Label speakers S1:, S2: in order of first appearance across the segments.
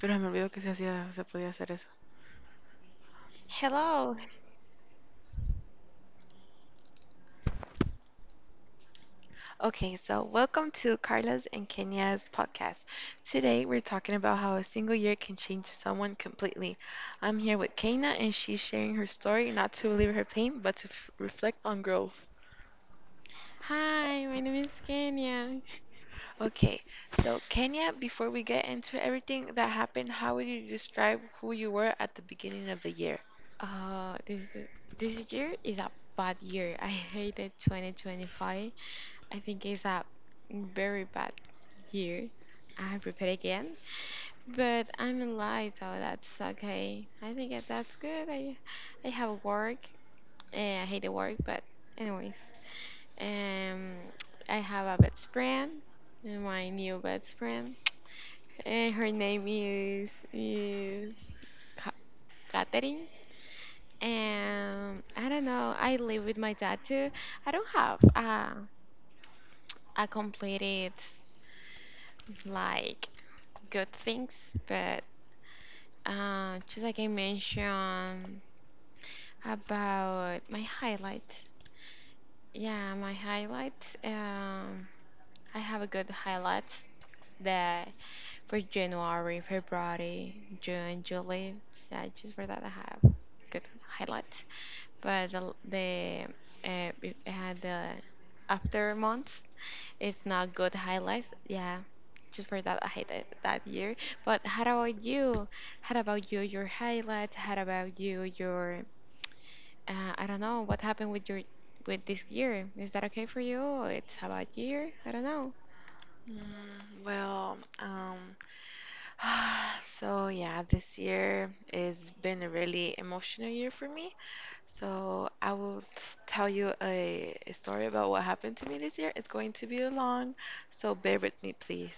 S1: pero se me olvidó que se hacía, se podía hacer eso.
S2: Hello.
S1: Okay, so welcome to Carla's and Kenya's podcast. Today we're talking about how a single year can change someone completely. I'm here with Kenya and she's sharing her story, not to relieve her pain, but to reflect on growth.
S2: Hi, my name is Kenya.
S1: Okay, so Kenya, before we get into everything that happened, how would you describe who you were at the beginning of the year?
S2: Uh, this this year is a bad year. I hated 2025. I think it's a very bad year. I prepared again, but I'm alive, so that's okay. I think that's good. I have work. I hate the work, but anyways, um, I have a best friend. Eh, my new best friend. Her name is Catherine. And I don't know, I live with my dad too. I don't have a completed like good things, but just like I mentioned about my highlight. Yeah, my highlight. Um, I have a good highlight that for January, February, June, July. Yeah, just for that I have good highlight. But the it had the after months it's not good highlights. Yeah, just for that I hate it that year. But how about you? How about you? Your highlights? How about you? Your I don't know what happened with your with this year. Is that okay for you? It's about year. I don't know.
S1: Mm, well, um, So yeah, this year has been a really emotional year for me. So I will tell you a story about what happened to me this year. It's going to be long, so bear with me, please.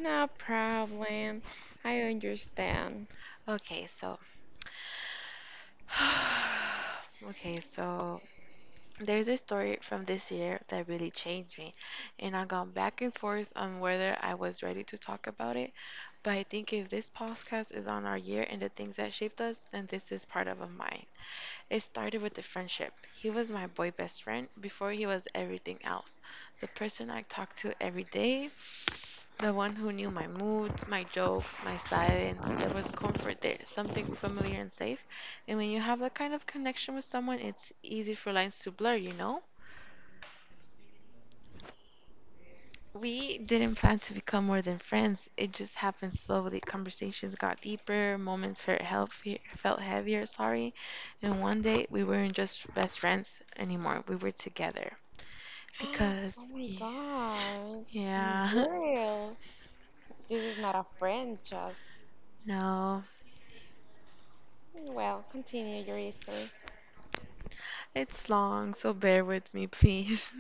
S2: No problem. I understand.
S1: Okay, so okay, so there's a story from this year that really changed me, and I've gone back and forth on whether I was ready to talk about it. But I think if this podcast is on our year and the things that shaped us, then this is part of a mine. It started with a friendship. He was my boy best friend before he was everything else. The person I talked to every day, the one who knew my moods, my jokes, my silence. There was comfort there, something familiar and safe. And when you have that kind of connection with someone, it's easy for lines to blur, We didn't plan to become more than friends. It just happened slowly. Conversations got deeper, moments felt healthier, felt heavier, sorry. And one day we weren't just best friends anymore. We were together. Because
S2: Oh my
S1: yeah,
S2: god.
S1: yeah.
S2: Girl, this is not a friend, just.
S1: No.
S2: Well, continue your history.
S1: It's long, so bear with me, please.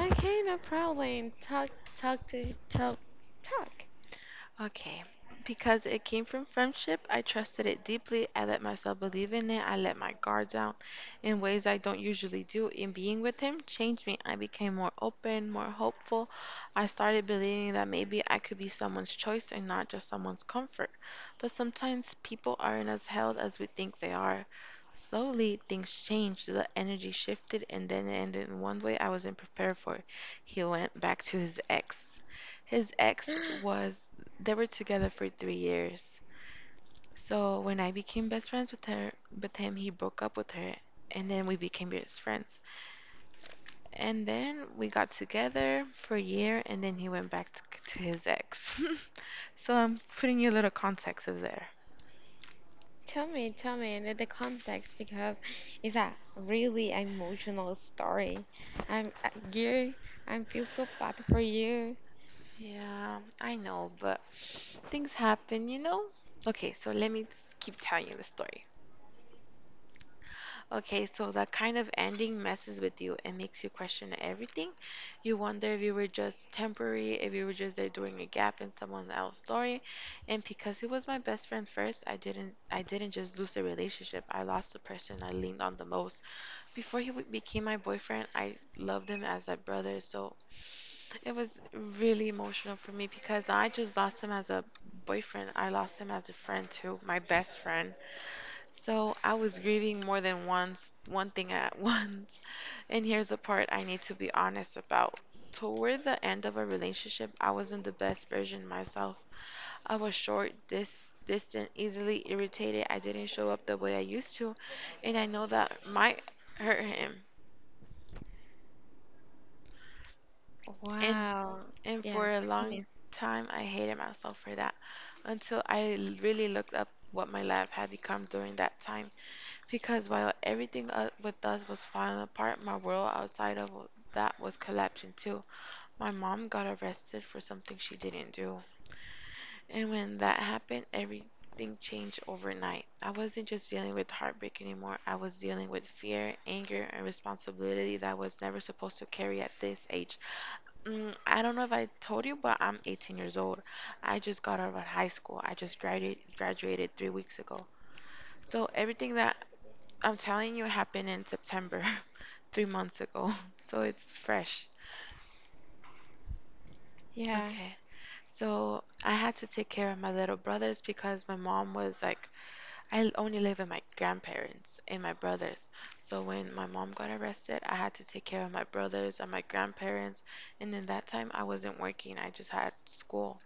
S2: Okay, no problem. Talk. Talk.
S1: Okay. Because it came from friendship, I trusted it deeply. I let myself believe in it. I let my guard down in ways I don't usually do. In being with him changed me. I became more open, more hopeful. I started believing that maybe I could be someone's choice and not just someone's comfort. But sometimes people aren't as held as we think they are. Slowly, things changed. The energy shifted, and then it ended in one way I wasn't prepared for. He went back to his ex. His ex was they were together for 3 years. So when I became best friends with her, with him, he broke up with her, and then we became best friends. And then we got together for a year, and then he went back to, his ex. So I'm putting you a little context of there.
S2: Tell me the context because it's a really emotional story. I'm you. I feel so bad for you.
S1: Yeah, I know, but things happen, Okay, so let me keep telling you the story. Okay, so that kind of ending messes with you and makes you question everything. You wonder if you were just temporary, if you were just there doing a gap in someone else's story. And because he was my best friend first, I didn't just lose the relationship. I lost the person I leaned on the most. Before he became my boyfriend, I loved him as a brother. So it was really emotional for me because I just lost him as a boyfriend. I lost him as a friend too, my best friend. So I was grieving more than once, one thing at once. And here's the part I need to be honest about. Toward the end of a relationship, I wasn't the best version myself. I was short, distant, easily irritated. I didn't show up the way I used to, and I know that might hurt him. And
S2: Wow.
S1: and
S2: Yeah.
S1: for a long
S2: Continue.
S1: time, I hated myself for that, until I really looked up what my life had become during that time. Because while everything with us was falling apart, my world outside of that was collapsing too. My mom got arrested for something she didn't do. And when that happened, everything changed overnight. I wasn't just dealing with heartbreak anymore, I was dealing with fear, anger, and responsibility that I was never supposed to carry at this age. Mm, I don't know if I told you, but I'm 18 years old. I just got out of high school. I just graduated 3 weeks ago. So everything that I'm telling you, it happened in September, 3 months ago. So it's fresh.
S2: Yeah.
S1: Okay. So I had to take care of my little brothers because my mom was like, I only live with my grandparents and my brothers. So when my mom got arrested, I had to take care of my brothers and my grandparents. And then that time I wasn't working, I just had school.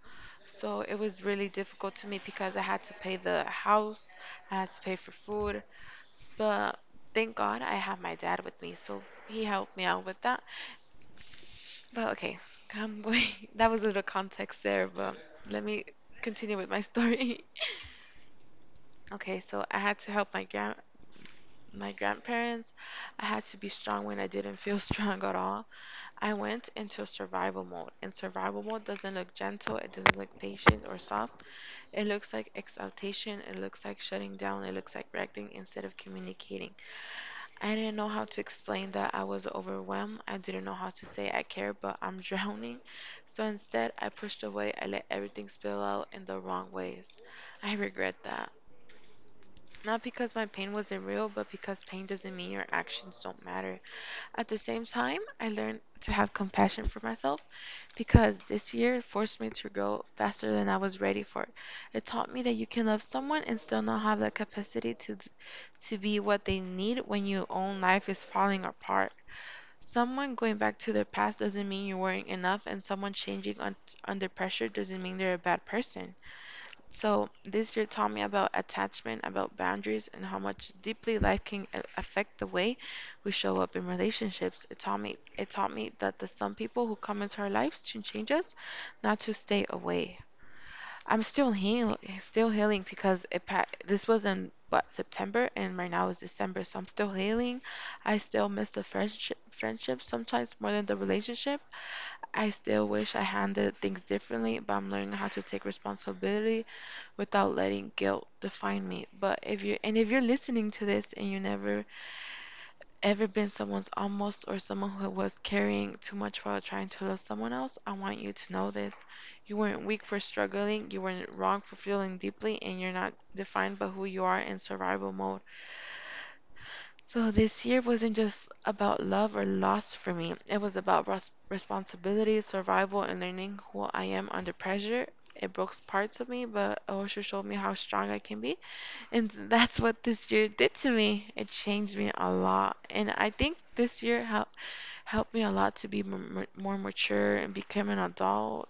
S1: So it was really difficult to me because I had to pay the house, I had to pay for food, but thank God I have my dad with me, so he helped me out with that. But okay, I'm going. That was a little context there, but let me continue with my story. Okay, so I had to help my grandparents. I had to be strong when I didn't feel strong at all. I went into survival mode, and survival mode doesn't look gentle, it doesn't look patient or soft. It looks like exaltation, it looks like shutting down, it looks like reacting instead of communicating. I didn't know how to explain that I was overwhelmed. I didn't know how to say I care, but I'm drowning. So instead, I pushed away. I let everything spill out in the wrong ways. I regret that. Not because my pain wasn't real, but because pain doesn't mean your actions don't matter. At the same time, I learned to have compassion for myself because this year forced me to grow faster than I was ready for. It taught me that you can love someone and still not have the capacity to be what they need when your own life is falling apart. Someone going back to their past doesn't mean you weren't enough, and someone changing under pressure doesn't mean they're a bad person. So, this year taught me about attachment, about boundaries, and how much deeply life can affect the way we show up in relationships. It taught me that the some people who come into our lives to change us, not to stay away. I'm still healing because it this was in what September and right now is December, so I'm still healing. I still miss the friendship sometimes more than the relationship. I still wish I handled things differently, but I'm learning how to take responsibility without letting guilt define me. But if you and if you're listening to this and you never ever been someone's almost or someone who was carrying too much while trying to love someone else, I want you to know this. You weren't weak for struggling, you weren't wrong for feeling deeply, and you're not defined by who you are in survival mode. So this year wasn't just about love or loss for me, it was about responsibility, survival, and learning who I am under pressure. It broke parts of me, but it also showed me how strong I can be. And that's what this year did to me. It changed me a lot. And I think this year helped me a lot to be more mature and become an adult.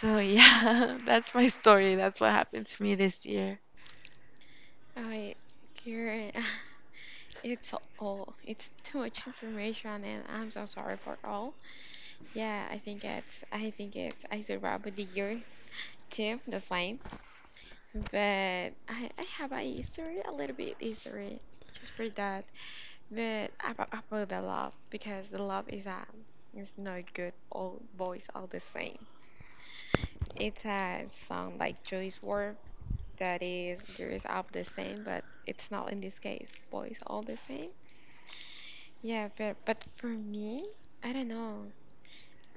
S1: So yeah, that's my story. That's what happened to me this year.
S2: I. you. It's all. It's too much information, and I'm so sorry for all. Yeah, I think it's. I survived with the year too. The same. But I have a history, a little bit history, just for that. But about the love, because the love is a, it's not good. All boys all the same. It's a song like Joyce Ward that is girls are the same, but it's not in this case. Boys all the same. Yeah, but for me, I don't know.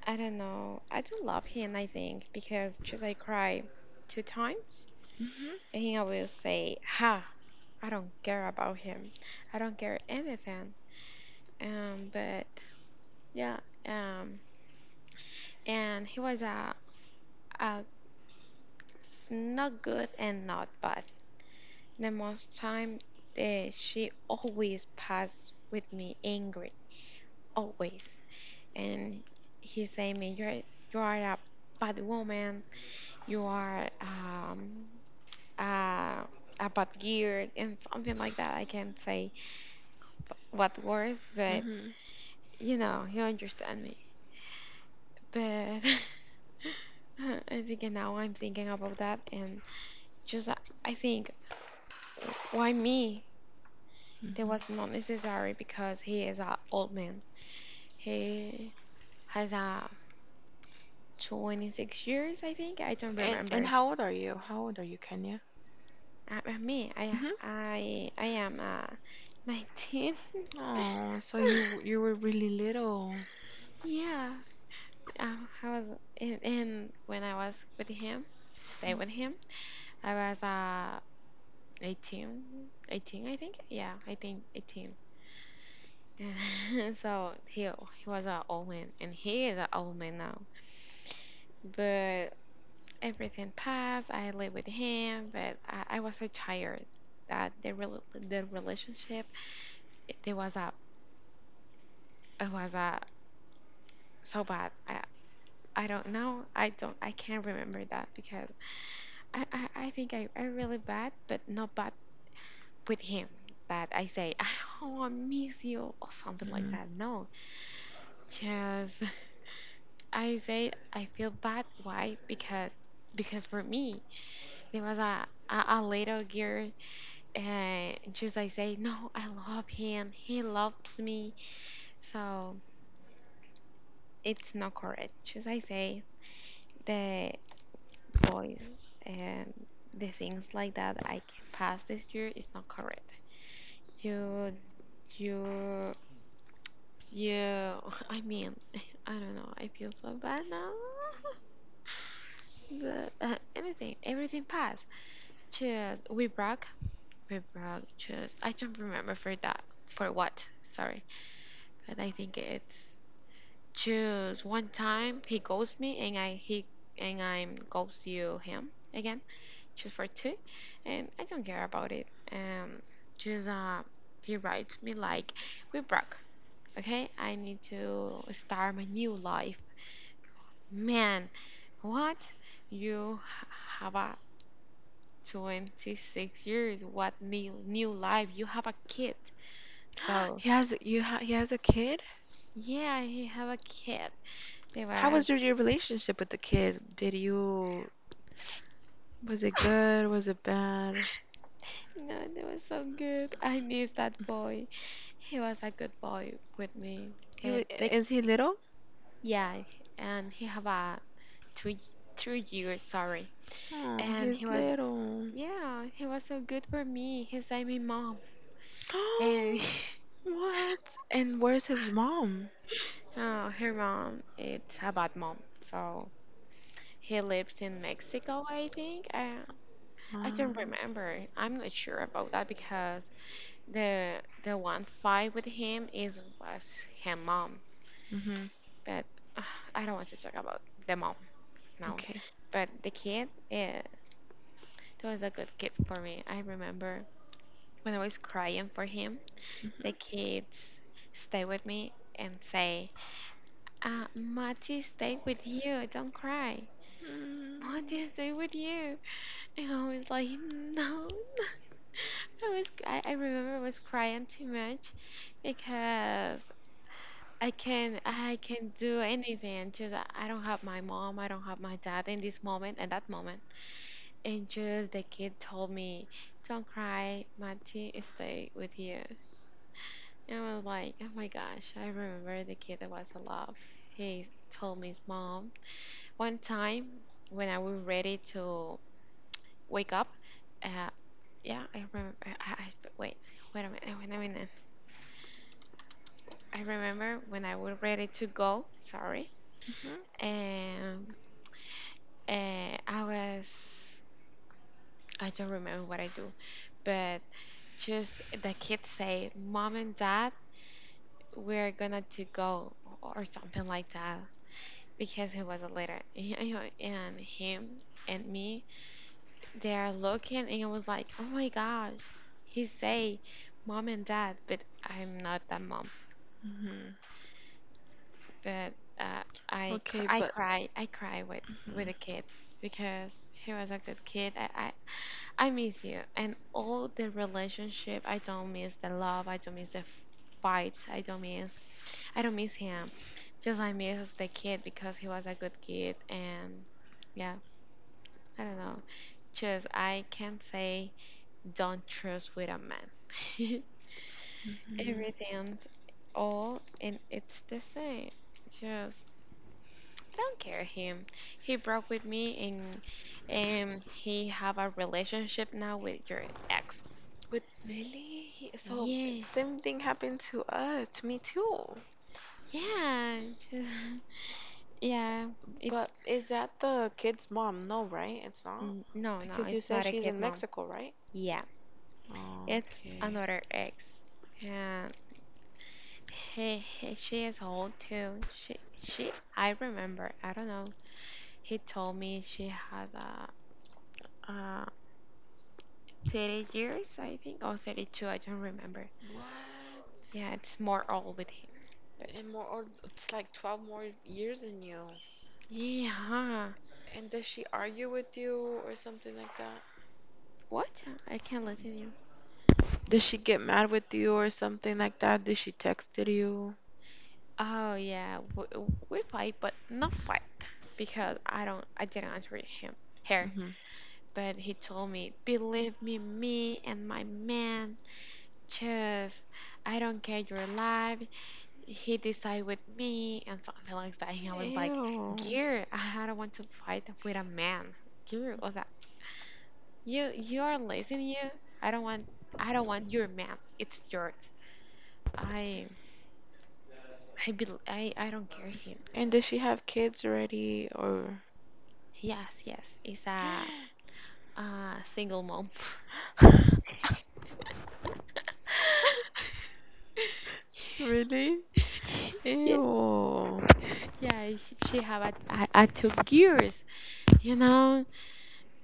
S2: I don't know. I do love him. I think because just I cry two times,
S1: Mm-hmm.
S2: and he always say ha I don't care about him. I don't care anything. But yeah, um, and he was a not good and not bad. The most time, she always passed with me angry, always. And he say me, you're you are a bad woman. You are a a bad girl and something like that. I can't say what words, but
S1: Mm-hmm.
S2: you know, you understand me. But I think now I'm thinking about that and just I think why me? That was
S1: Mm-hmm.
S2: not necessary because he is an old man. He has a 26 years, I think. I don't
S1: And
S2: remember.
S1: how old are you? How old are you, Kenya?
S2: Me, I
S1: Mm-hmm.
S2: I I am 19.
S1: Oh, so you were really little.
S2: Yeah, uh, I was and when I was with him, stay with him, I was 18, 18 I think. Yeah, I think 18. So he was an old man, and he is an old man now. But everything passed. I lived with him, but I was so tired that the relationship it was a it was a so bad. I don't know. I don't. I can't remember that because I think I really bad, but not bad with him. That I say, oh, I miss you or something like
S1: Mm-hmm.
S2: that. No, just I say I feel bad. Why? Because for me there was a a little girl and just I say no, I love him. He loves me. So it's not correct. Just I say the boys and the things like that I can pass this year is not correct. You you you. I mean I don't know. I feel so bad now. But anything, everything passed. Just we broke Beverages. I don't remember for that. For what? Sorry. But I think it's choose one time he ghosts me and I he and I'm ghost you him again. Choose for two, and I don't care about it. Choose he writes me like we broke. Okay, I need to start my new life. Man, what? You have a 26 years. What new life? You have a kid. So
S1: He has you ha he has a kid?
S2: yeah, he have a kid. They
S1: How
S2: were
S1: was your relationship with the kid? Did you was it good? Was it bad?
S2: no, they were so good. I miss that boy. He was a good boy with me.
S1: He
S2: They,
S1: was,
S2: they,
S1: is he little?
S2: yeah, and he have a 2 3 years. Sorry,
S1: Oh,
S2: and he
S1: he's
S2: was
S1: little.
S2: yeah, he was so good for me. He saved me mom, and
S1: What? And where's his mom?
S2: oh, her mom it's a bad mom. So he lives in Mexico, I think. I don't
S1: Um,
S2: remember. I'm not sure about that because the one fight with him is was her mom,
S1: mhm.
S2: but uh, I don't want to talk about the mom now.
S1: Okay.
S2: But the kid, that was a good kid for me. I remember when I was crying for him,
S1: Mhm.
S2: the kids stay with me and say, "Mati, stay with you. Don't cry.
S1: Mm,
S2: Mati, stay with you." And I was like, "No." I remember I was crying too much because I can do anything. Just I don't have my mom, I don't have my dad in this moment, at that moment. And just the kid told me, "Don't cry, Mati, stay with you." And I was like, "Oh my gosh!" I remember the kid that was in love. He told me his mom one time when I was ready to wake up. Uh, yeah, I remember. I wait, wait a minute, wait a minute. I remember when I was ready to go. Sorry
S1: mhm.
S2: and I was, I don't remember what I do, but just the kids say, Mom and Dad, we're gonna to go or something like that because he was a leader. And him and me, they are looking and I was like, oh my gosh, he say Mom and Dad, but I'm not that mom.
S1: Mhm.
S2: But
S1: Okay, but
S2: I cry with
S1: mhm.
S2: the kid because he was a good kid. I miss you and all the relationship. I don't miss the love. I don't miss the fights. I don't miss. I don't miss him. Just I miss the kid because he was a good kid and yeah. I don't know. Just I can say don't trust with a man.
S1: Mhm.
S2: Everything's all and it's the same. Just don't care him. He broke with me and he have a relationship now with your ex.
S1: But really, so
S2: Yes.
S1: same thing happened to us, to me too.
S2: Yeah, just, yeah,
S1: But
S2: it's
S1: is that the kid's mom? No, right? It's not.
S2: no, no,
S1: Because you
S2: it's
S1: said
S2: not a
S1: she's
S2: kid
S1: in
S2: mom.
S1: Mexico, right?
S2: Yeah, it's
S1: Okay.
S2: another ex. Yeah, he she is old too. She I remember. I don't know. He told me she has a uh, uh, 30 years, I think, or 32. I don't remember.
S1: What?
S2: Yeah, it's more old with him. But
S1: And more, or it's like 12 more years than you.
S2: yeah,
S1: And does she argue with you or something like that?
S2: what? I can't listen to you.
S1: Did she get mad with you or something like that? Did she texted you?
S2: Oh yeah, we fight, but not fight because I don't, I didn't answer him, her.
S1: Hmm.
S2: But he told me, believe me, me and my man, just I don't care your life. He decide with me and something like that. And I was like,
S1: Ew.
S2: girl, I don't want to fight with a man. Girl, was that you? You are listening, you. I don't want, I don't want your man. It's yours. I, I don't care him.
S1: And does she have kids already or
S2: Yes, yes, it's a single mom.
S1: really?
S2: Yeah,
S1: Ew.
S2: yeah. She have a two girls, you know.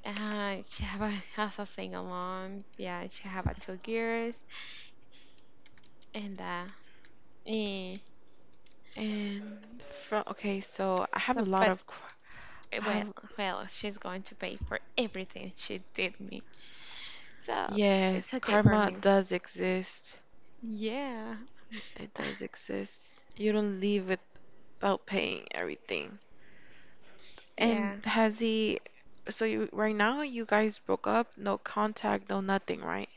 S2: She have a has a single mom. Yeah, she have a two girls, and eh,
S1: And from okay, so I have
S2: so
S1: a lot
S2: but
S1: of I
S2: well,
S1: have
S2: well, she's going to pay for everything she did me. So it's
S1: yes,
S2: okay for
S1: karma
S2: me.
S1: does exist.
S2: Yeah.
S1: It does exist. You don't leave without paying everything.
S2: Yeah.
S1: And has he? So you right now you guys broke up, no contact, no nothing, right?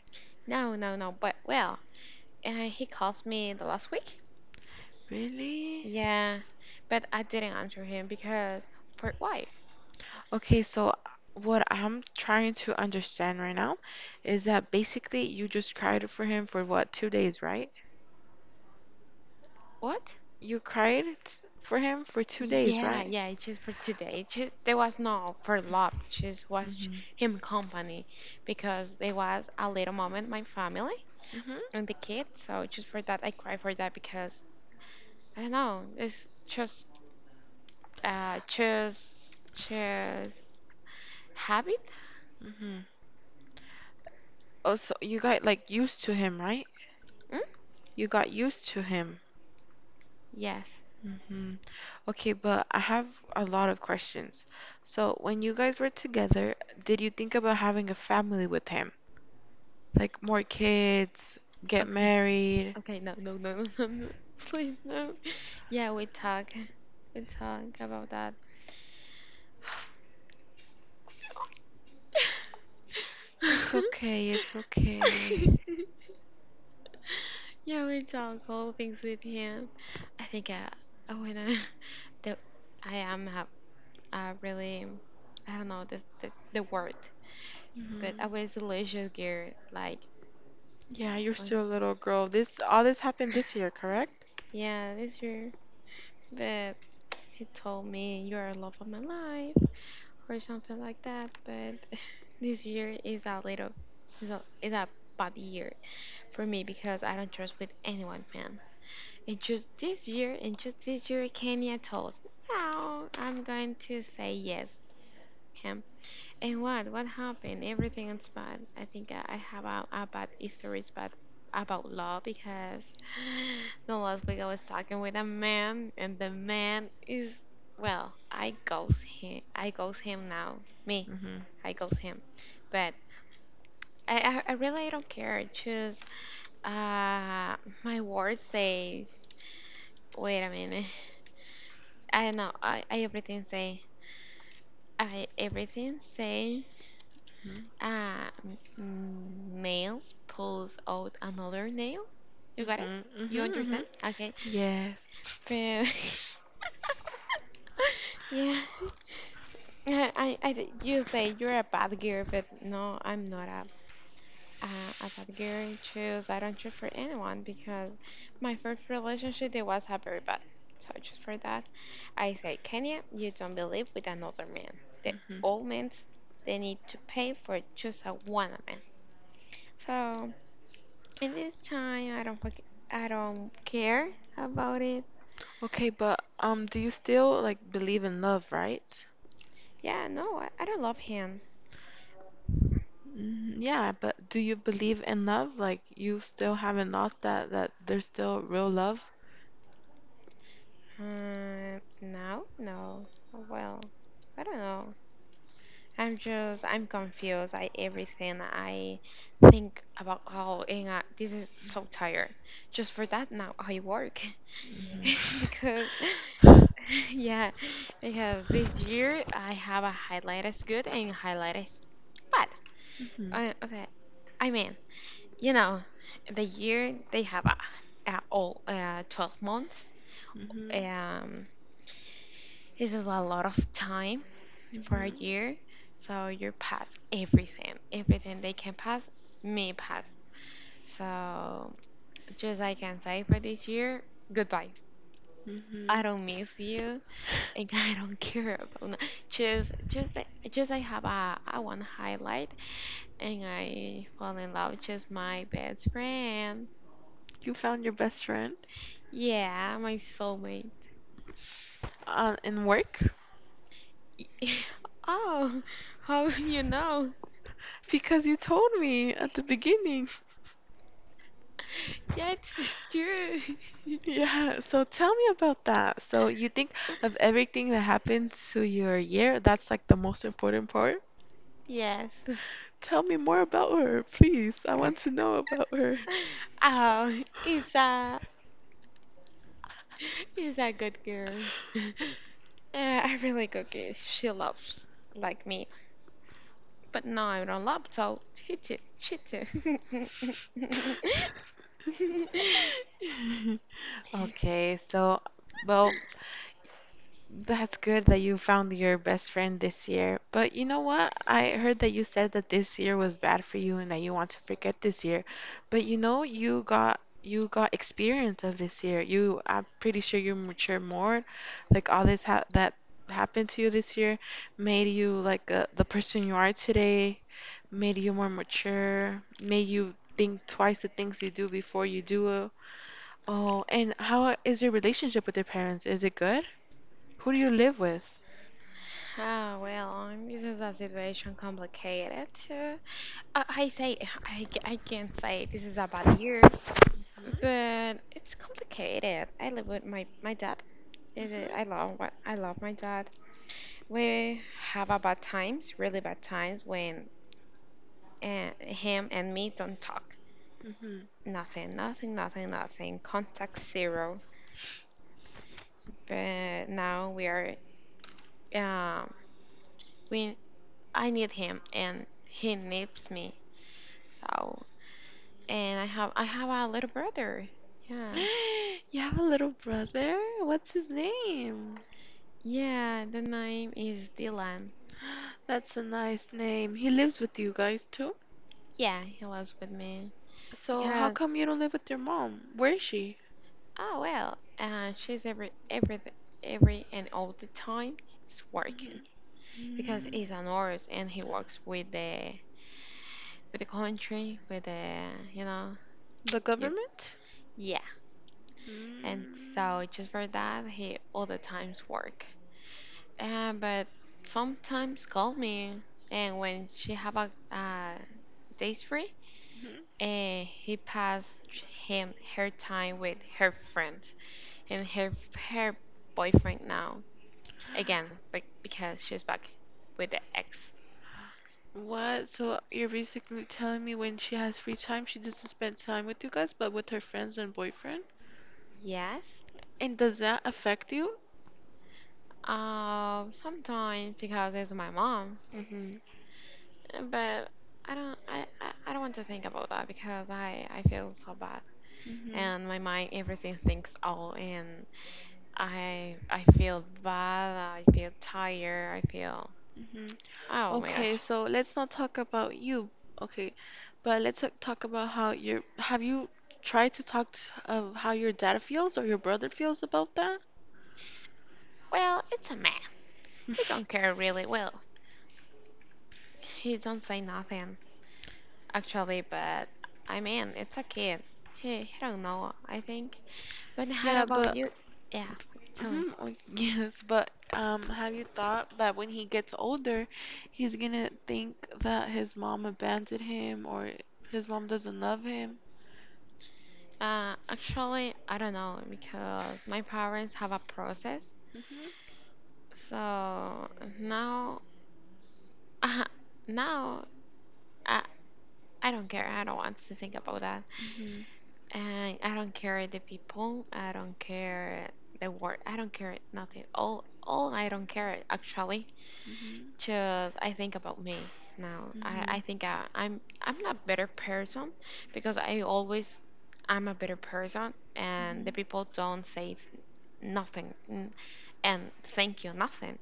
S2: No, no, no. But well, he calls me the last week.
S1: Really?
S2: Yeah, but I didn't answer him because for life.
S1: Okay, so what I'm trying to understand right now is that basically you just cried for him for what, 2 days, right?
S2: What?
S1: You cried for him for 2 days,
S2: Yeah,
S1: right?
S2: yeah, it's just for today. It's just there was no for love. It just was
S1: Mm-hmm.
S2: him company because there was a little moment my family
S1: Mm-hmm.
S2: and the kids. So just for that, I cry for that because I don't know. It's just habit.
S1: Mm-hmm. Oh, so you got like used to him, right?
S2: Mm?
S1: You got used to him.
S2: Yes.
S1: Hmm. Okay, but I have a lot of questions. So when you guys were together, did you think about having a family with him? Like more kids, get
S2: Okay.
S1: married?
S2: Okay. No. No. No. No. No. No. Please no. Yeah, we talk. We talk about that.
S1: It's okay, it's okay.
S2: Yeah, we talk all things with him. I think I wanna the I am have really I don't know the word, but
S1: Hmm.
S2: I was a leisure girl. Like,
S1: Yeah, you're
S2: what-
S1: still a little girl. This, all this happened this year, correct?
S2: yeah, this year, but he told me you are love of my life or something like that. But this year is a little is a bad year for me because I don't trust with anyone, and just this year, and just this year, Kenya told, "No, I'm going to say yes." Him. And what? What happened? Everything is bad. I think I have a bad stories, but about law because the last week I was talking with a man, and the man is, well, I ghost him. I ghost him now. Me,
S1: Mm-hmm.
S2: I ghost him. But I really don't care. Just uh, my word says. Wait a minute. I know. I everything say. I everything say.
S1: Mm-hmm.
S2: Nails pulls out another nail. You got it?
S1: Mm-hmm.
S2: You
S1: Mm-hmm.
S2: understand? Okay.
S1: Yes.
S2: But yeah, you say you're a bad girl, but no, I'm not a about girl choose. I don't choose for anyone because my first relationship it was a very bad. So I choose for that. I say, Kenya, you don't believe with another man. The
S1: Mm-hmm.
S2: old men they need to pay for choose a one man. So in this time, I don't care about it.
S1: Okay, but do you still like believe in love, right?
S2: Yeah, no, I don't love him.
S1: Mhm. Yeah, but do you believe in love? Like you still haven't lost that there's still real love?
S2: Now, no. Well, I don't know. I'm confused. I everything I think about how and this is so tired. Just for that now I work
S1: Mhm.
S2: because yeah, because this year I have a highlight is good and highlight is bad.
S1: Mhm.
S2: Okay, I mean, you know, the year they have a all 12 months.
S1: Mhm.
S2: Um, this is a lot of time for a
S1: Mhm.
S2: year. So you pass everything, everything they can pass, me pass. So just like I can say for this year, goodbye. I
S1: Mhm.
S2: don't miss you, and I don't care about no- just I have a one highlight, and I fall in love just my best friend.
S1: You found your best friend
S2: Yeah, my soulmate.
S1: in work,
S2: Oh, how you know?
S1: because you told me at the beginning.
S2: Yeah, it's true.
S1: Yeah, so tell me about that. So you think of everything that happens to your year, that's like the most important part?
S2: Yes.
S1: Tell me more about her, please. I want to know about her.
S2: Oh, it's a good girl. I really good girl. She loves like me, but no, I don't love. So she too, she too.
S1: Okay, so well, that's good that you found your best friend this year. But you know what? I heard that you said that this year was bad for you and that you want to forget this year. But you know, you got experience of this year. You, I'm pretty sure you mature more. Like all this ha that happened to you this year made you like the person you are today, made you more mature, made you think twice the things you do before you do it. Oh, and how is your relationship with your parents? Is it good? Who do you live with?
S2: Ah, well, this is a situation complicated. I say I can't say this is a bad year,
S1: Mhm,
S2: but it's complicated. I live with my dad. Is it- I
S1: mhm,
S2: love what I love my dad. We have a bad times, really bad times when him and me don't talk.
S1: mhm.
S2: Nothing, nothing, nothing, nothing. Contact zero. But now we are. Um, we. I need him, and he needs me. So, and I have a little brother. Yeah,
S1: You have a little brother? What's his name?
S2: yeah. The name is Dylan.
S1: That's a nice name. He lives with you guys too?
S2: Yeah, he lives with me
S1: So how come
S2: because,
S1: you don't live with your mom? Where is she?
S2: oh, well. She's every and all the time. It's working,
S1: Mhm.
S2: because
S1: Mm.
S2: he's an artist and he works with the, with the country, with the, you know,
S1: The
S2: you,
S1: government?
S2: yeah, and
S1: Mm,
S2: so just for that he all the times work, but sometimes call me and when she have a days free
S1: mhm.
S2: and he pass him her time with her friend and her boyfriend now again, but because she's back with the ex.
S1: What? So you're basically telling me, when she has free time, she doesn't spend time with you guys, but with her friends and boyfriend?
S2: Yes.
S1: And does that affect you?
S2: Sometimes because it's my mom,
S1: Mm-hmm.
S2: but I don't want to think about that because I feel so bad
S1: Mm-hmm.
S2: and my mind everything thinks all and I feel bad, I feel tired, I feel, oh my
S1: Okay,
S2: gosh.
S1: so let's not talk about you. Okay, but let's talk about, how you have you tried to talk to, of how your dad feels or your brother feels about that?
S2: Well, it's a man. He don't care really well. He don't say nothing actually, but I mean it's a kid. He don't know, I think. But how
S1: Yeah,
S2: about
S1: but
S2: you? Yeah, tell.
S1: mhm, oh, yes, but have you thought that when he gets older, he's gonna think that his mom abandoned him or his mom doesn't love him?
S2: Actually, I don't know because my parents have a process.
S1: Mhm.
S2: So now, now I, I don't care. I don't want to think about that.
S1: Mhm.
S2: And I don't care the people. I don't care the world. I don't care nothing. All I don't care actually.
S1: Mhm.
S2: Just I think about me now. I, I
S1: Mhm.
S2: think I, I'm, I'm not better person because I always I'm a better person and the
S1: Mhm.
S2: people don't say nothing, and thank you nothing,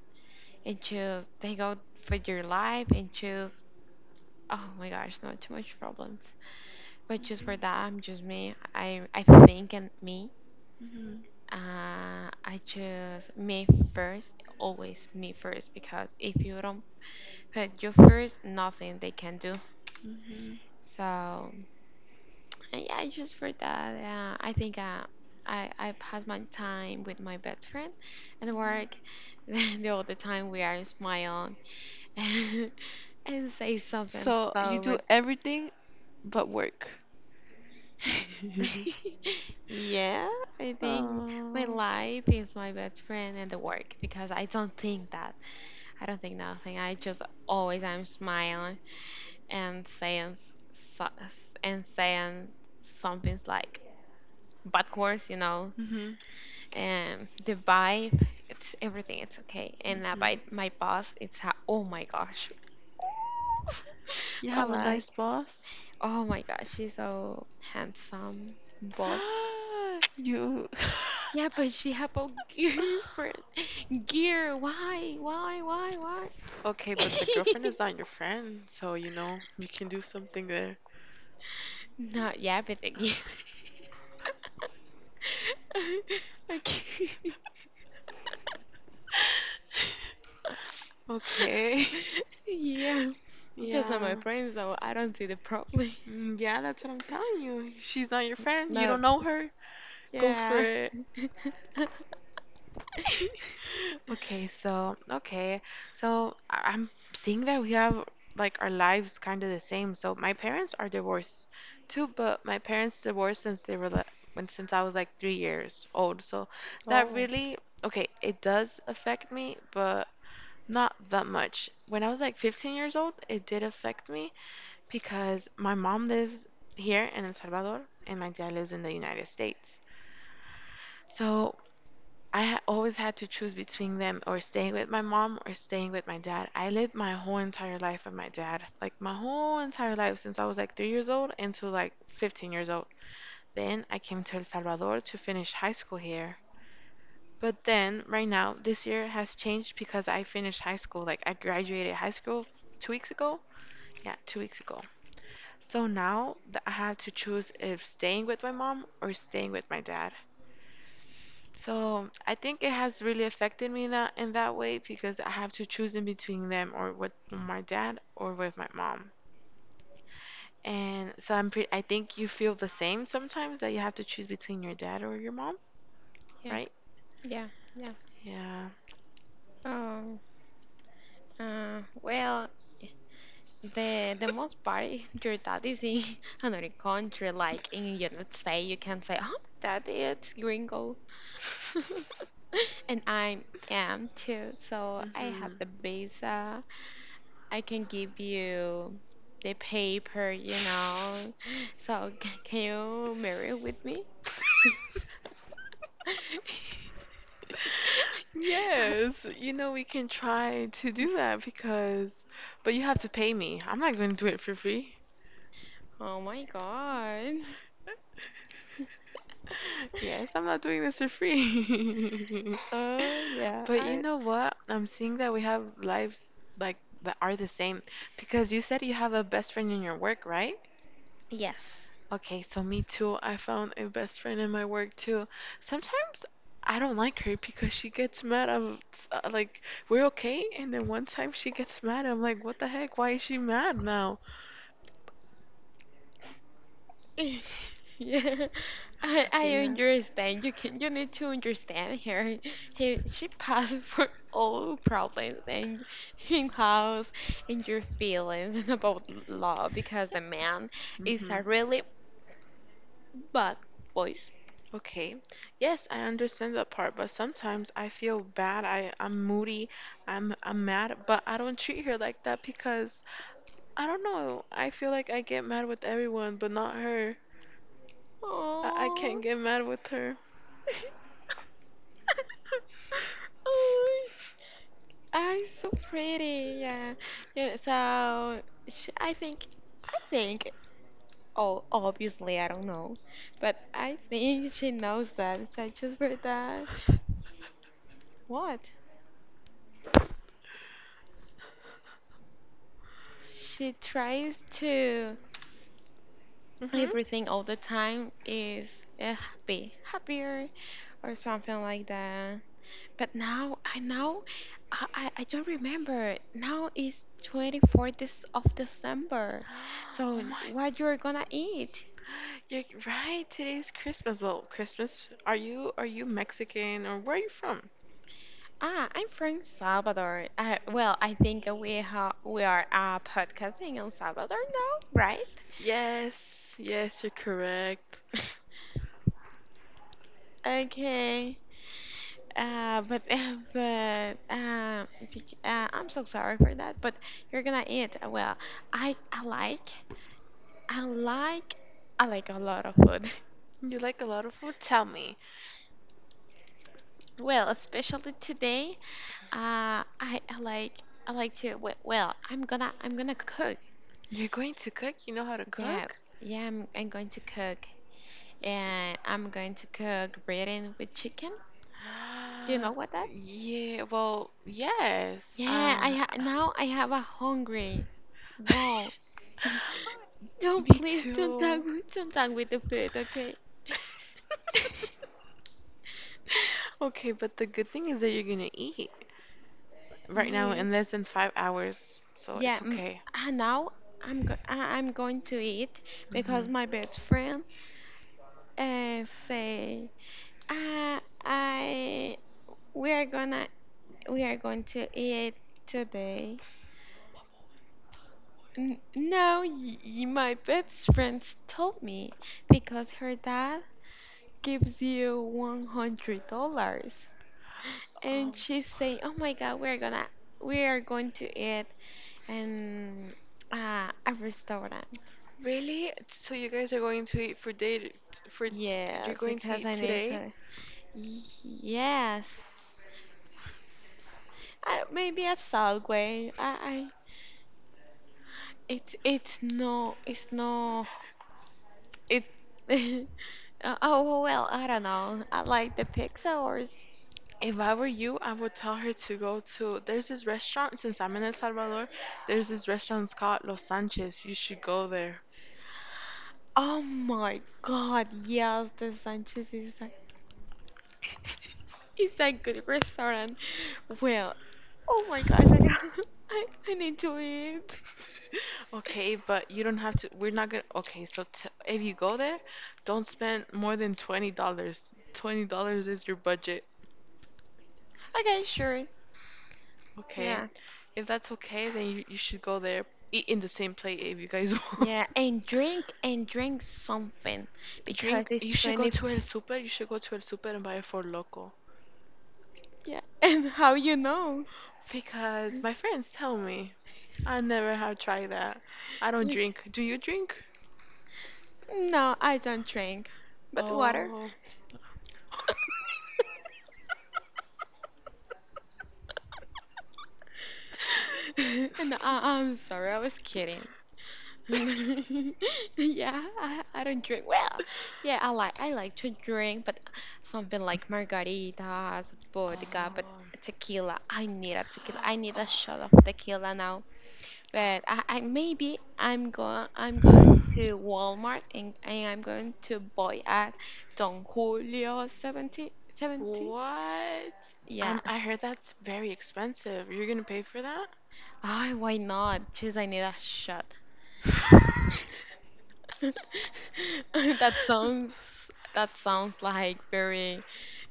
S2: and just they go for your life and choose, oh my gosh, no, too much problems. But just for that, I'm just me. I think and me,
S1: Mhm.
S2: I choose me first, always me first, because if you don't put you first nothing they can do.
S1: Mhm.
S2: So, and yeah, just for that, I think, I pass my time with my best friend and
S1: Mhm.
S2: work. The all the time we are smiling and say
S1: So you do everything but work.
S2: yeah, I think my
S1: Oh.
S2: life is my best friend and the work because I don't think that, I don't think nothing, I just always I'm smiling and so- saying something like backwards, you know,
S1: Hmm.
S2: and the vibe, it's everything, it's okay. And
S1: Hmm.
S2: about my boss, it's oh my gosh.
S1: You
S2: I
S1: have a nice
S2: like,
S1: boss?
S2: oh my gosh, she's so handsome boss.
S1: You.
S2: Yeah, but she have a girlfriend. Gear, why, why?
S1: Okay, but the girlfriend is not your friend, so you know, you can do something there.
S2: No, yeah, but then, yeah. Okay.
S1: Okay.
S2: Yeah, just not
S1: Yeah.
S2: my friend, so I don't see the problem.
S1: Mm. Yeah, that's what I'm telling you. She's not your friend. You don't
S2: No,
S1: know her. Go for
S2: yeah.
S1: it. Okay, so okay, so I'm seeing that we have like our lives kind of the same. So my parents are divorced too, but my parents divorced since they were like, when since I was like 3 years old. So that
S2: Oh,
S1: really, okay, it does affect me, but not that much. When I was like 15 years old, it did affect me because my mom lives here in El Salvador and my dad lives in the United States. So I always had to choose between them, or staying with my mom or staying with my dad. I lived my whole entire life with my dad. Like my whole entire life since I was like 3 years old until like 15 years old. Then I came to El Salvador to finish high school here. But then right now, this year has changed because I finished high school. Like I graduated high school 2 weeks ago. Yeah, 2 weeks ago. So now I have to choose if staying with my mom or staying with my dad. So I think it has really affected me, that in that way, because I have to choose in between them, or with my dad or with my mom. And so I'm pretty, I think you feel the same sometimes, that you have to choose between your dad or your mom,
S2: yeah,
S1: right?
S2: yeah, yeah.
S1: Yeah.
S2: Um, well, the most part, if your dad is in another country, like in United States, you can say, "Oh, dad, it's gringo," and I am too. So I
S1: Hmm.
S2: have the visa. I can give you the paper, you know. So can you marry with me?
S1: Yes, you know, we can try to do that because, but you have to pay me. I'm not going to do it for free.
S2: Oh my God.
S1: Yes, I'm not doing this for free.
S2: Oh yeah,
S1: But you
S2: I
S1: know what? I'm seeing that we have lives like that are the same, because you said you have a best friend in your work, right?
S2: yes.
S1: Okay, so me too. I found a best friend in my work too. Sometimes I don't like her because she gets mad. I'm like, we're okay, and then one time she gets mad. I'm like, what the heck? Why is she mad now?
S2: Yeah, I
S1: Yeah.
S2: understand. You need to understand her. He She passed for all problems and in house and your feelings and about love because the man is
S1: Hmm.
S2: a really bad voice.
S1: Okay. Yes, I understand that part, but sometimes I feel bad. I'm moody. I'm mad, but I don't treat her like that because I don't know. I feel like I get mad with everyone, but not her. I can't
S2: Oh,
S1: get mad with her.
S2: oh, I'm so pretty. Yeah, yeah. So sh I think I think. Oh, obviously, I don't know. But I think she knows that. So I just for that. What? She tries to
S1: Mhm.
S2: everything all the time is happy, happier, or something like that. But now I know, I don't remember. Now is 24th of December.
S1: Oh
S2: So
S1: my.
S2: what you're gonna eat?
S1: You're right. Today's Christmas. Well, Christmas. Are you, are you Mexican or where are you from?
S2: Ah, I'm from Salvador. Well, I think we are podcasting in Salvador now, right?
S1: Yes. Yes, you're correct.
S2: Okay. But I'm so sorry for that. But you're gonna eat. Well, I I like I like I like a lot of food.
S1: You like a lot of food? Tell me.
S2: Well, especially today. Uh, I, I like I like to. Well, I'm gonna cook.
S1: You're going to cook? You know how to
S2: Yeah,
S1: cook?
S2: yeah. I'm going to cook, and I'm going to cook breading with chicken. Do you know what that?
S1: Yeah, well, yes.
S2: Yeah, now I have a hungry. Wow. Don't,
S1: Me
S2: please don't
S1: too.
S2: don't talk with the food, okay?
S1: Okay, but the good thing is that you're gonna eat right now
S2: Yeah.
S1: and less in 5 hours, so
S2: Yeah,
S1: it's okay.
S2: now I'm going to eat
S1: Hmm.
S2: because my best friend say, uh, I we are gonna, we are going to eat today. No, my best friends told me because her dad gives you $100,
S1: Oh,
S2: and she say, "Oh my God, we are going to eat in a restaurant."
S1: really? So you guys are going to eat for day for, you're
S2: Yes,
S1: going to
S2: because
S1: eat
S2: I need
S1: today?
S2: to. Yes, I, maybe at Subway. I it's it's no it. Oh well, I don't know. I like the pizza or,
S1: If I were you, I would tell her to go to, there's this restaurant, since I'm in El Salvador, there's this restaurant, it's called Los Sanchez. You should go there.
S2: oh my God, yes, the Sanchez is a, is a good restaurant. Well, oh my gosh, I need to eat.
S1: Okay, but you don't have to. We're not gonna. Okay, so t if you go there, don't spend more than $20 dollars. $20 is your budget.
S2: Okay, sure.
S1: Okay.
S2: Yeah,
S1: If that's okay, then you should go there. Eat in the same plate if you guys want.
S2: yeah, and drink something because
S1: Drink.
S2: it's
S1: You should go to El
S2: 24.
S1: Super. You should go to El Super and buy a Four loco.
S2: Yeah, and how you know?
S1: Because my friends tell me. I never have tried that. I don't
S2: Yeah.
S1: drink. Do you drink?
S2: No, I don't drink, but water.
S1: Oh.
S2: And I, I'm sorry, I was kidding. Yeah, I don't drink. Well, yeah, I like to drink, but something like margaritas, vodka, but
S1: Oh.
S2: tequila. I need a tequila. I need a shot of tequila now. But I'm going
S1: Oh.
S2: to Walmart, and I'm going to buy at Don Julio 70 70.
S1: What?
S2: Yeah.
S1: I heard that's very expensive. You're gonna pay for that?
S2: Ah, why not? Just I need a shot. That sounds, that sounds like very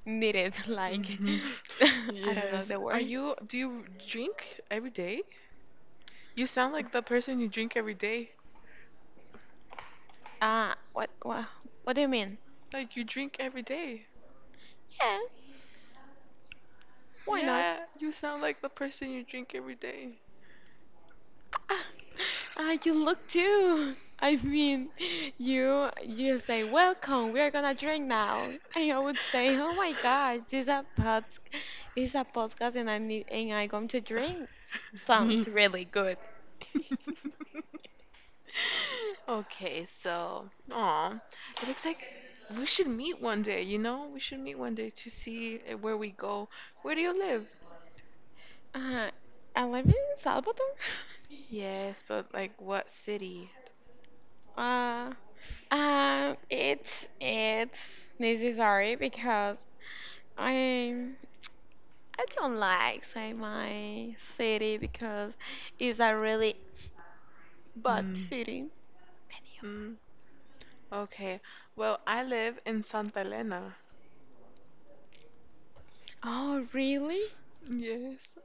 S2: needed. Like
S1: Hmm.
S2: I don't know
S1: Yes.
S2: the
S1: Are
S2: word.
S1: you, do you drink every day? You sound like the person you drink every day.
S2: Ah, what do you mean?
S1: Like you drink every day.
S2: Yeah, why not?
S1: Yeah, you sound like the person you drink every day.
S2: Ah, ah, you look too. I mean, you say welcome. We are gonna drink now. And I would say, oh my gosh, this is a pod, this is a podcast, and I need and I going to drink. Sounds really good.
S1: Okay, so, aw, it looks like we should meet one day, you know? We should meet one day to see where we go. Where do you live?
S2: Uh, I live in Salvador.
S1: Yes, but like what city?
S2: Uh, it's necessary because I I don't like say my city because it's a really bad
S1: Mm.
S2: city. Mediocre.
S1: Mm. Okay. Well, I live in Santa Elena.
S2: Oh, really?
S1: Yes.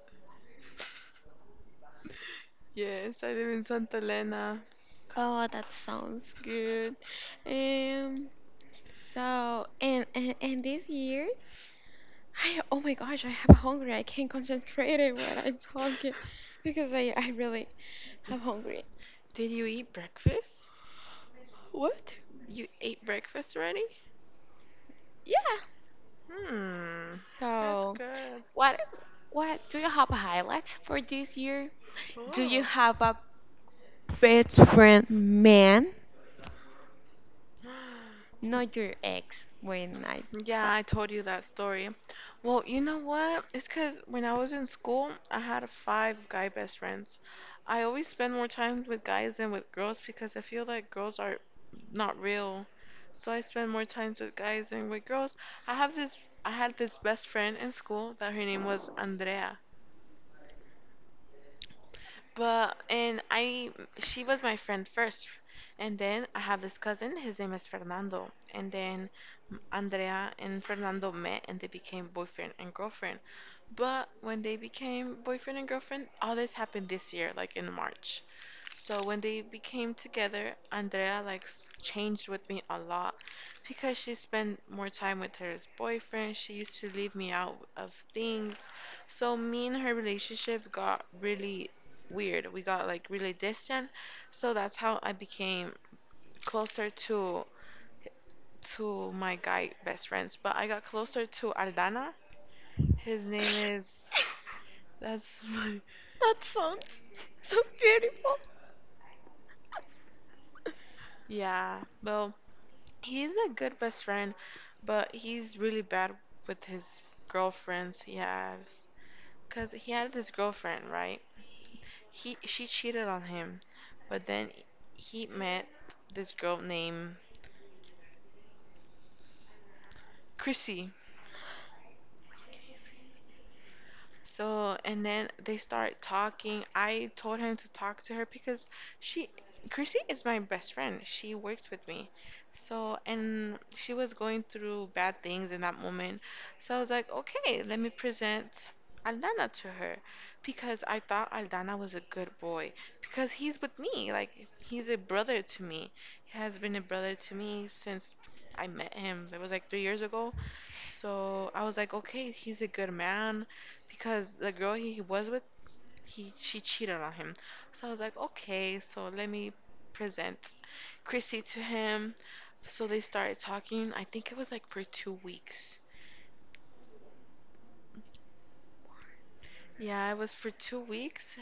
S1: Yes, I live in Santa Elena.
S2: Oh, that sounds good. Um so, and, and this year I oh my gosh, I have a hungry. I can't concentrate it when I'm talking because I really have hungry.
S1: Did you eat breakfast?
S2: What?
S1: You ate breakfast already?
S2: Yeah.
S1: Hmm. That's
S2: So
S1: good.
S2: what what do you have highlights for this year? Do you
S1: Oh.
S2: have a best friend man, not your ex. When I
S1: Yeah,
S2: thought,
S1: I told you that story. Well, you know what? It's because when I was in school, I had five guy best friends. I always spend more time with guys than with girls because I feel like girls are not real. So I spend more time with guys than with girls. I have this, I had this best friend in school that her name was Andrea. But, and I, she was my friend first, and then I have this cousin. His name is Fernando, and then Andrea and Fernando met and they became boyfriend and girlfriend. But when they became boyfriend and girlfriend, all this happened this year, like in March. So when they became together, Andrea like changed with me a lot because she spent more time with her boyfriend. She used to leave me out of things. So me and her relationship got really weird. We got like really distant. So that's how I became closer to my guy best friends. But I got closer to Aldana. His
S2: that
S1: name is that's my,
S2: sounds so beautiful.
S1: yeah. Well, he's a good best friend, but he's really bad with his girlfriends he has. Cause he had this girlfriend, right? He, she cheated on him, but then he met this girl named Chrissy. So, and then they start talking. I told him to talk to her because she, Chrissy, is my best friend. She works with me. So, and she was going through bad things in that moment. So I was like, okay, let me present Aldana to her, because I thought Aldana was a good boy because he's with me. Like, he's a brother to me. He has been a brother to me since I met him. That was like 3 years ago. So I was like, okay, he's a good man because the girl he was with he she cheated on him. So I was like, okay, so let me present Chrissy to him. So they started talking. I think it was like for 2 weeks. Yeah, it was for 2 weeks.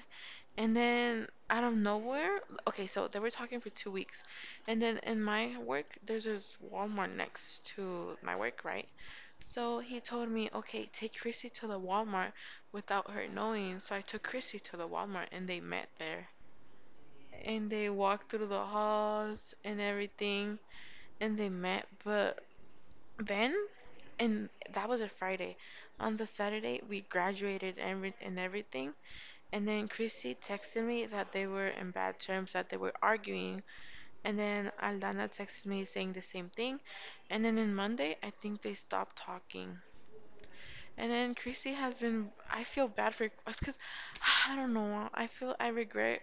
S1: And then out of nowhere, okay, so they were talking for 2 weeks, and then in my work there's this Walmart next to my work, right? So he told me, okay, take Chrissy to the Walmart without her knowing. So I took Chrissy to the Walmart and they met there and they walked through the halls and everything and they met. But then, and that was a Friday, on the Saturday we graduated and and everything. And then Chrissy texted me that they were in bad terms, that they were arguing, and then Aldana texted me saying the same thing, and then in Monday I think they stopped talking. And then Chrissy has been, I feel bad for us because I don't know, I feel, I regret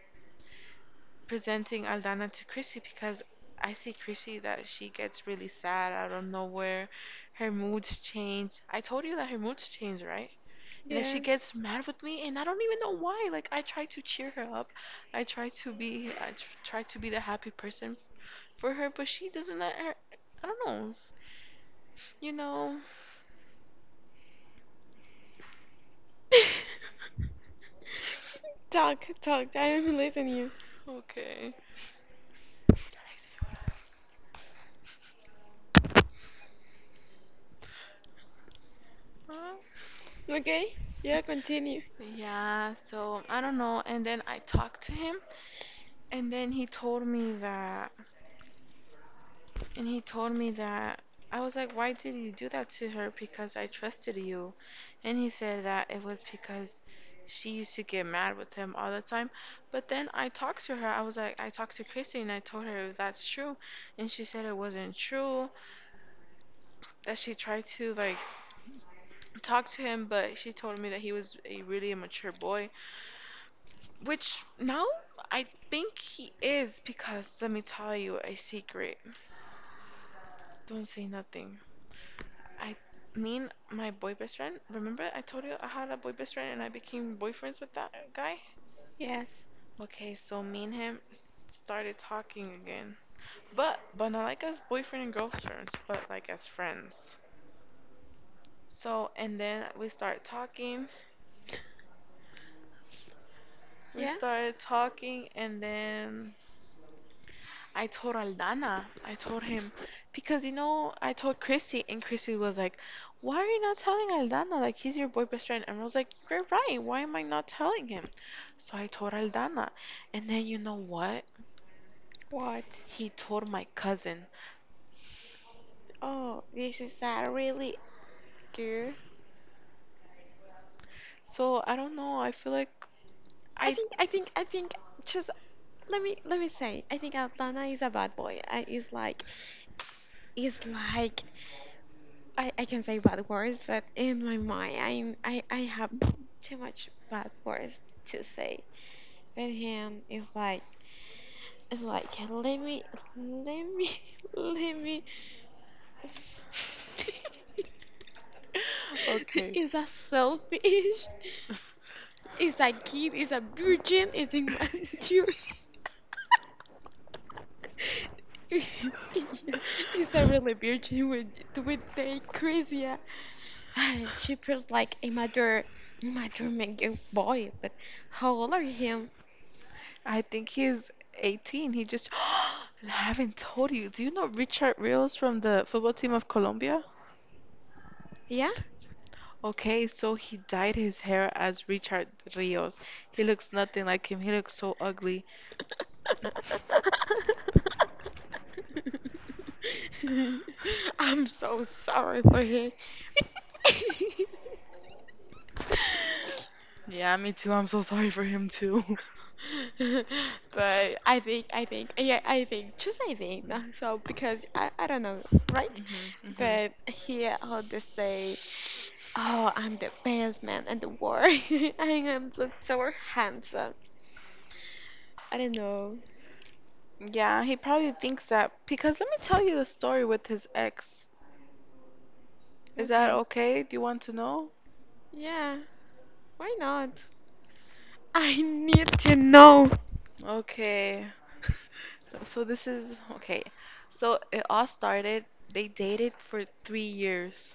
S1: presenting Aldana to Chrissy because I see Chrissy that she gets really sad out of nowhere. Her moods change. I told you that her moods change, right? And then she
S2: Yeah.
S1: gets mad with me, and I don't even know why. Like, I try to cheer her up, I try to be, I try to be the happy person for her, but she doesn't let her. I don't know. You know.
S2: Talk, talk. I am listening you.
S1: Okay. Huh?
S2: Okay? Yeah, continue.
S1: Yeah, so I don't know. And then I talked to him, and then he told me that, and he told me that, I was like, why did you do that to her? Because I trusted you. And he said that it was because she used to get mad with him all the time. But then I talked to her. I was like, I talked to Christy and I told her if that's true. And she said it wasn't true, that she tried to like talk to him, but she told me that he was a really immature boy, which now I think he is. Because let me tell you a secret. Don't say nothing. I mean, my boy best friend. Remember, I told you I had a boy best friend and I became boyfriends with that guy?
S2: Yes.
S1: Okay, so me and him started talking again. But, not like as boyfriend and girlfriends, but like as friends. So, and then we
S2: Yeah?
S1: started talking, and then I told Aldana, I told him, because I told Chrissy, and Chrissy was like, why are you not telling Aldana? Like, he's your boy best friend. And I was like, you're right. Why am I not telling him? So I told Aldana. And then you know what?
S2: What?
S1: He told my cousin.
S2: Oh, this is a really good.
S1: So I don't know. I feel like I.
S2: I think, just let me say, I think Atlanta is a bad boy. I is like I can say bad words, but in my mind, I have too much bad words to say. But him is like, it's like, let me, let me.
S1: Okay.
S2: Is that selfish? Is that kid? Is a virgin? Is it mature? Yeah, is that really virgin with the crazy? Yeah. She feels like a mature man- young boy. But how old are you?
S1: I think he's 18. He just. I haven't told you. Do you know Richard Rios from the football team of Colombia?
S2: Yeah.
S1: Okay, so he dyed his hair as Richard Rios. He looks nothing like him. He looks so ugly.
S2: I'm so sorry for him.
S1: Yeah, me too. I'm so sorry for him too.
S2: But I think, yeah, I think, just I think. No, So because I don't know, right?
S1: Hmm hmm.
S2: But here, how they say, oh, I'm the best man in the world, and I am look so handsome. I don't know.
S1: Yeah, he probably thinks that because let me tell you the story with his ex. Is that okay? Do you want to know?
S2: Yeah, why not? I need to know.
S1: Okay. So this is okay. So it all started, they dated for 3 years.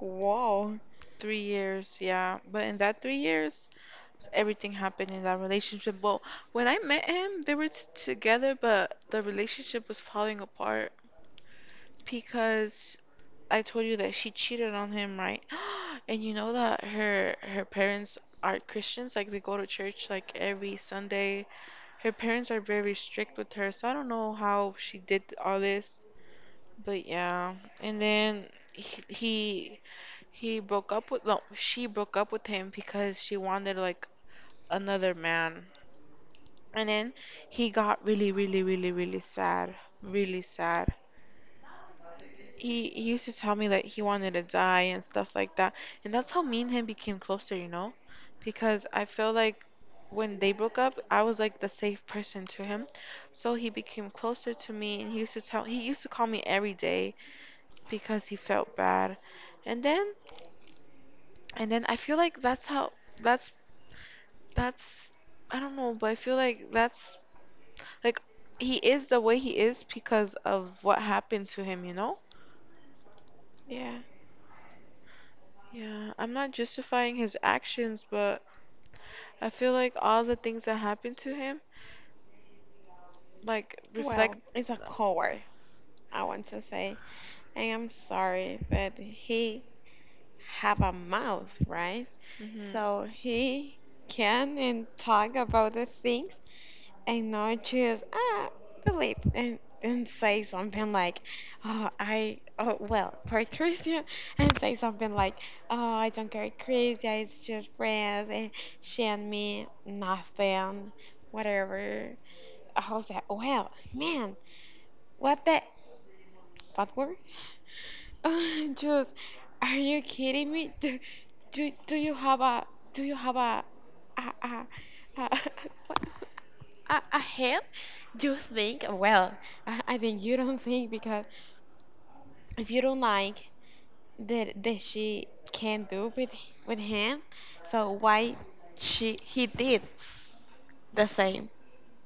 S2: Whoa.
S1: 3 years, yeah. But in that 3 years, everything happened in that relationship. Well, when I met him, they were t together, but the relationship was falling apart because I told you that she cheated on him, right? And you know that her parents are Christians, like they go to church like every Sunday. Her parents are very strict with her, so I don't know how she did all this. But yeah, and then he, he he broke up with, no, she broke up with him because she wanted like another man. And then he got really, really, really, really sad. Really sad. He used to tell me that he wanted to die and stuff like that. And that's how me and him became closer, you know? Because I feel like when they broke up, I was like the safe person to him. So he became closer to me and he used to call me every day because he felt bad. And then I feel like that's how that's That's, I don't know, but I feel like that's like he is the way he is because of what happened to him, you know?
S2: Yeah.
S1: Yeah, I'm not justifying his actions, but I feel like all the things that happened to him like
S2: Well,
S1: reflect.
S2: it's a coward, I want to say. I am sorry, but he have a mouth, right?
S1: Mhm.
S2: So he can and talk about the things and know, just ah believe and say something like, oh I, oh well for Christian, and say something like, oh I don't care Christian, it's just friends and she and me nothing whatever. I was like, well man, what the what word, just are you kidding me? Do, do, do you have a do you have a, a, a ahead, you think? Well, I think you don't think, because if you don't like that she can do with him, so why she he did the same?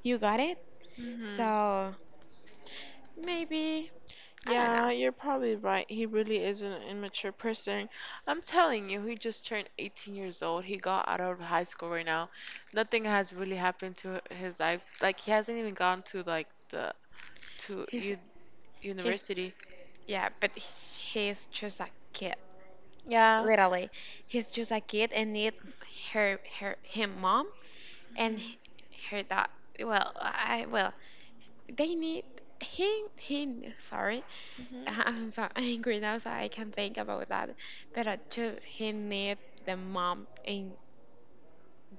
S2: You got it?
S1: Mhm.
S2: So maybe I don't
S1: Yeah,
S2: know.
S1: you're probably right. He really is an immature person. I'm telling you, he just turned 18 years old. He got out of high school right now. Nothing has really happened to his life. Like he hasn't even gone to like the to,
S2: He's
S1: you,
S2: he's
S1: university.
S2: yeah, but he's just a kid.
S1: Yeah.
S2: Literally, he's just a kid and need her, her him mom and
S1: Mhm.
S2: her dad. Well, I well they need him, him sorry,
S1: Mhm.
S2: I'm so angry now so I can think about that. But I just, he need the mom and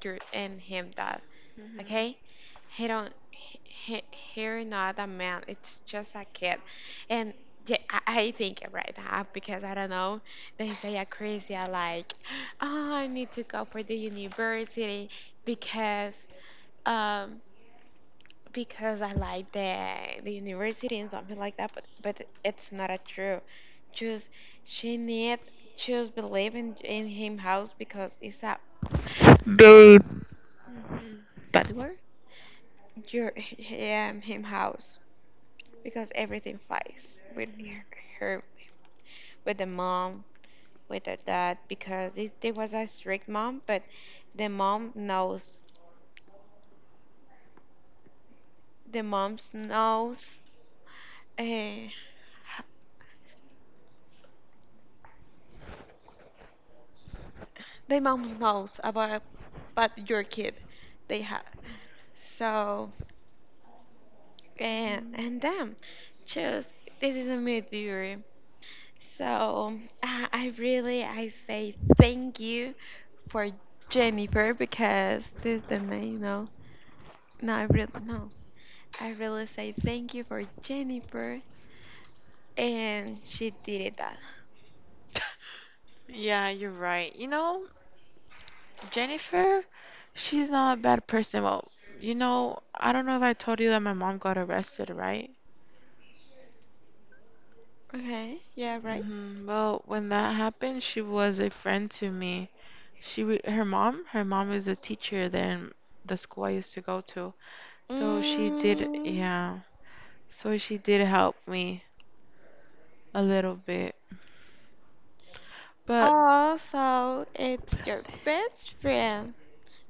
S2: your and him dad.
S1: Mhm.
S2: Okay, he don't, he, he's not a man, it's just a kid. And yeah, I think right now, because I don't know, they say a crazy like, oh I need to go for the university because um because I like the university and something like that, but it's not a true. Just she need, just believe in him house because it's a
S1: Mhm.
S2: bad word? Your him house because everything fights with
S1: Mhm.
S2: her, with the mom, with the dad, because it, there was a strict mom. But the mom knows the mom knows, uh, the mom knows about, but your kid they have so. And damn, just this is a mood theory. So I really, I say thank you for Jennifer, because this is the name. No, no, I really no. I really say thank you for Jennifer, and she did it that.
S1: Yeah, you're right. You know, Jennifer, she's not a bad person. Well, you know, I don't know if I told you that my mom got arrested, right?
S2: Okay, yeah, right.
S1: Hmm. Well, when that happened, she was a friend to me. She, her mom is a teacher there in the school I used to go to. So she did,
S2: Mm,
S1: yeah. So she did help me a little bit. But
S2: also, it's your best friend.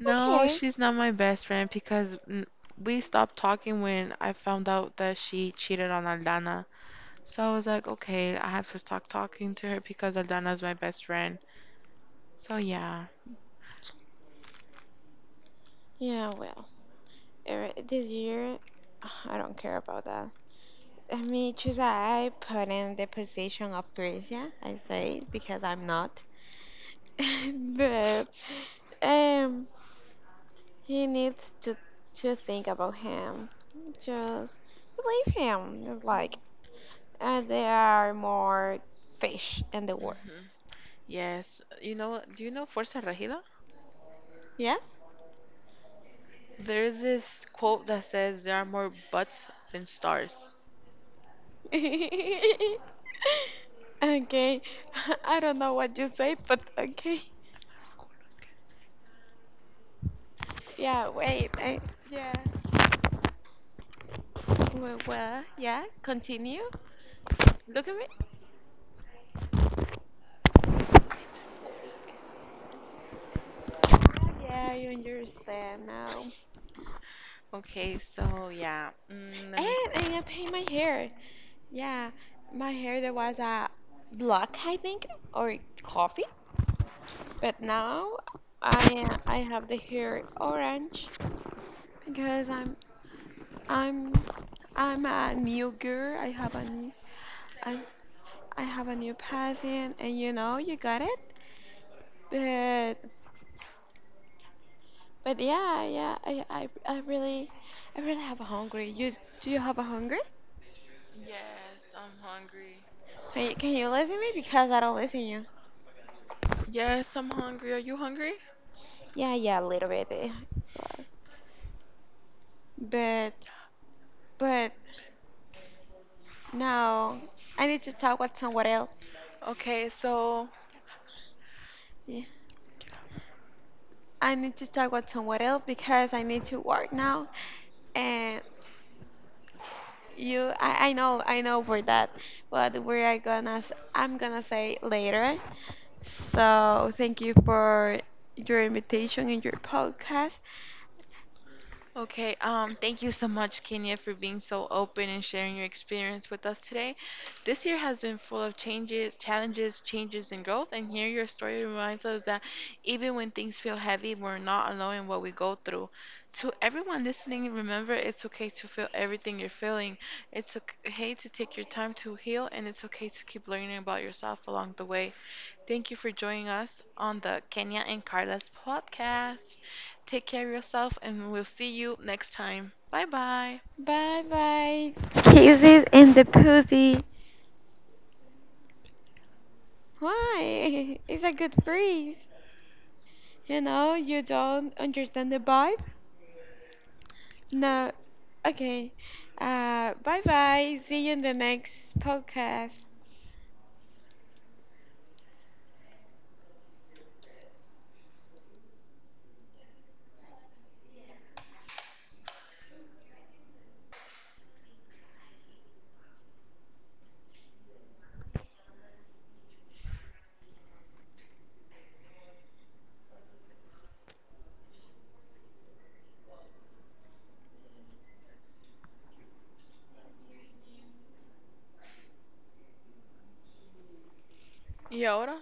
S1: no,
S2: Okay.
S1: she's not my best friend because we stopped talking when I found out that she cheated on Aldana. So I was like, okay, I have to stop talking to her because Aldana's my best friend. So yeah.
S2: Yeah, well, this year I don't care about that. Me too, I put in the position of Gracia, I say, because I'm not. But um, he needs to think about him. Just believe him. It's like, there are more fish in the world.
S1: Hmm. Yes. You know, do you know Fuerza Regida?
S2: Yes.
S1: There is this quote that says there are more butts than stars.
S2: Okay. I don't know what you say, but okay. Yeah. Wait. I, yeah. Well, well. Yeah. Continue. Look at me. Yeah, you understand now.
S1: Okay, so yeah. Mm, let
S2: And
S1: me see.
S2: I am paint my hair. Yeah, my hair that was black, I think, or coffee. But now I have the hair orange because I'm I'm a new girl. I have a new I, I have a new passion, and you got it. But yeah, I really, I really have a hungry. You, do you have a hungry?
S1: Yes, I'm hungry.
S2: Can you listen me because I don't listen you?
S1: Yes, I'm hungry. Are you hungry?
S2: Yeah, yeah, a little bit. But But but no, I need to talk with someone else.
S1: Okay, so
S2: Yeah. I need to talk with someone else because I need to work now. And you, I know, I know for that. But we are gonna, I'm gonna say later. So thank you for your invitation and your podcast.
S1: okay, thank you so much, Kenya, for being so open and sharing your experience with us today. This year has been full of changes, challenges, changes and growth, and here your story reminds us that even when things feel heavy, we're not alone in what we go through. To everyone listening, remember it's okay to feel everything you're feeling. It's okay to take your time to heal, and it's okay to keep learning about yourself along the way. Thank you for joining us on the Kenya and Carla's podcast. Take care of yourself and we'll see you next time. Bye bye.
S2: Bye bye. Kisses in the pussy. Why? It's a good breeze. You know, you don't understand the vibe. No. Okay. Bye bye. See you in the next podcast.
S1: Y ahora?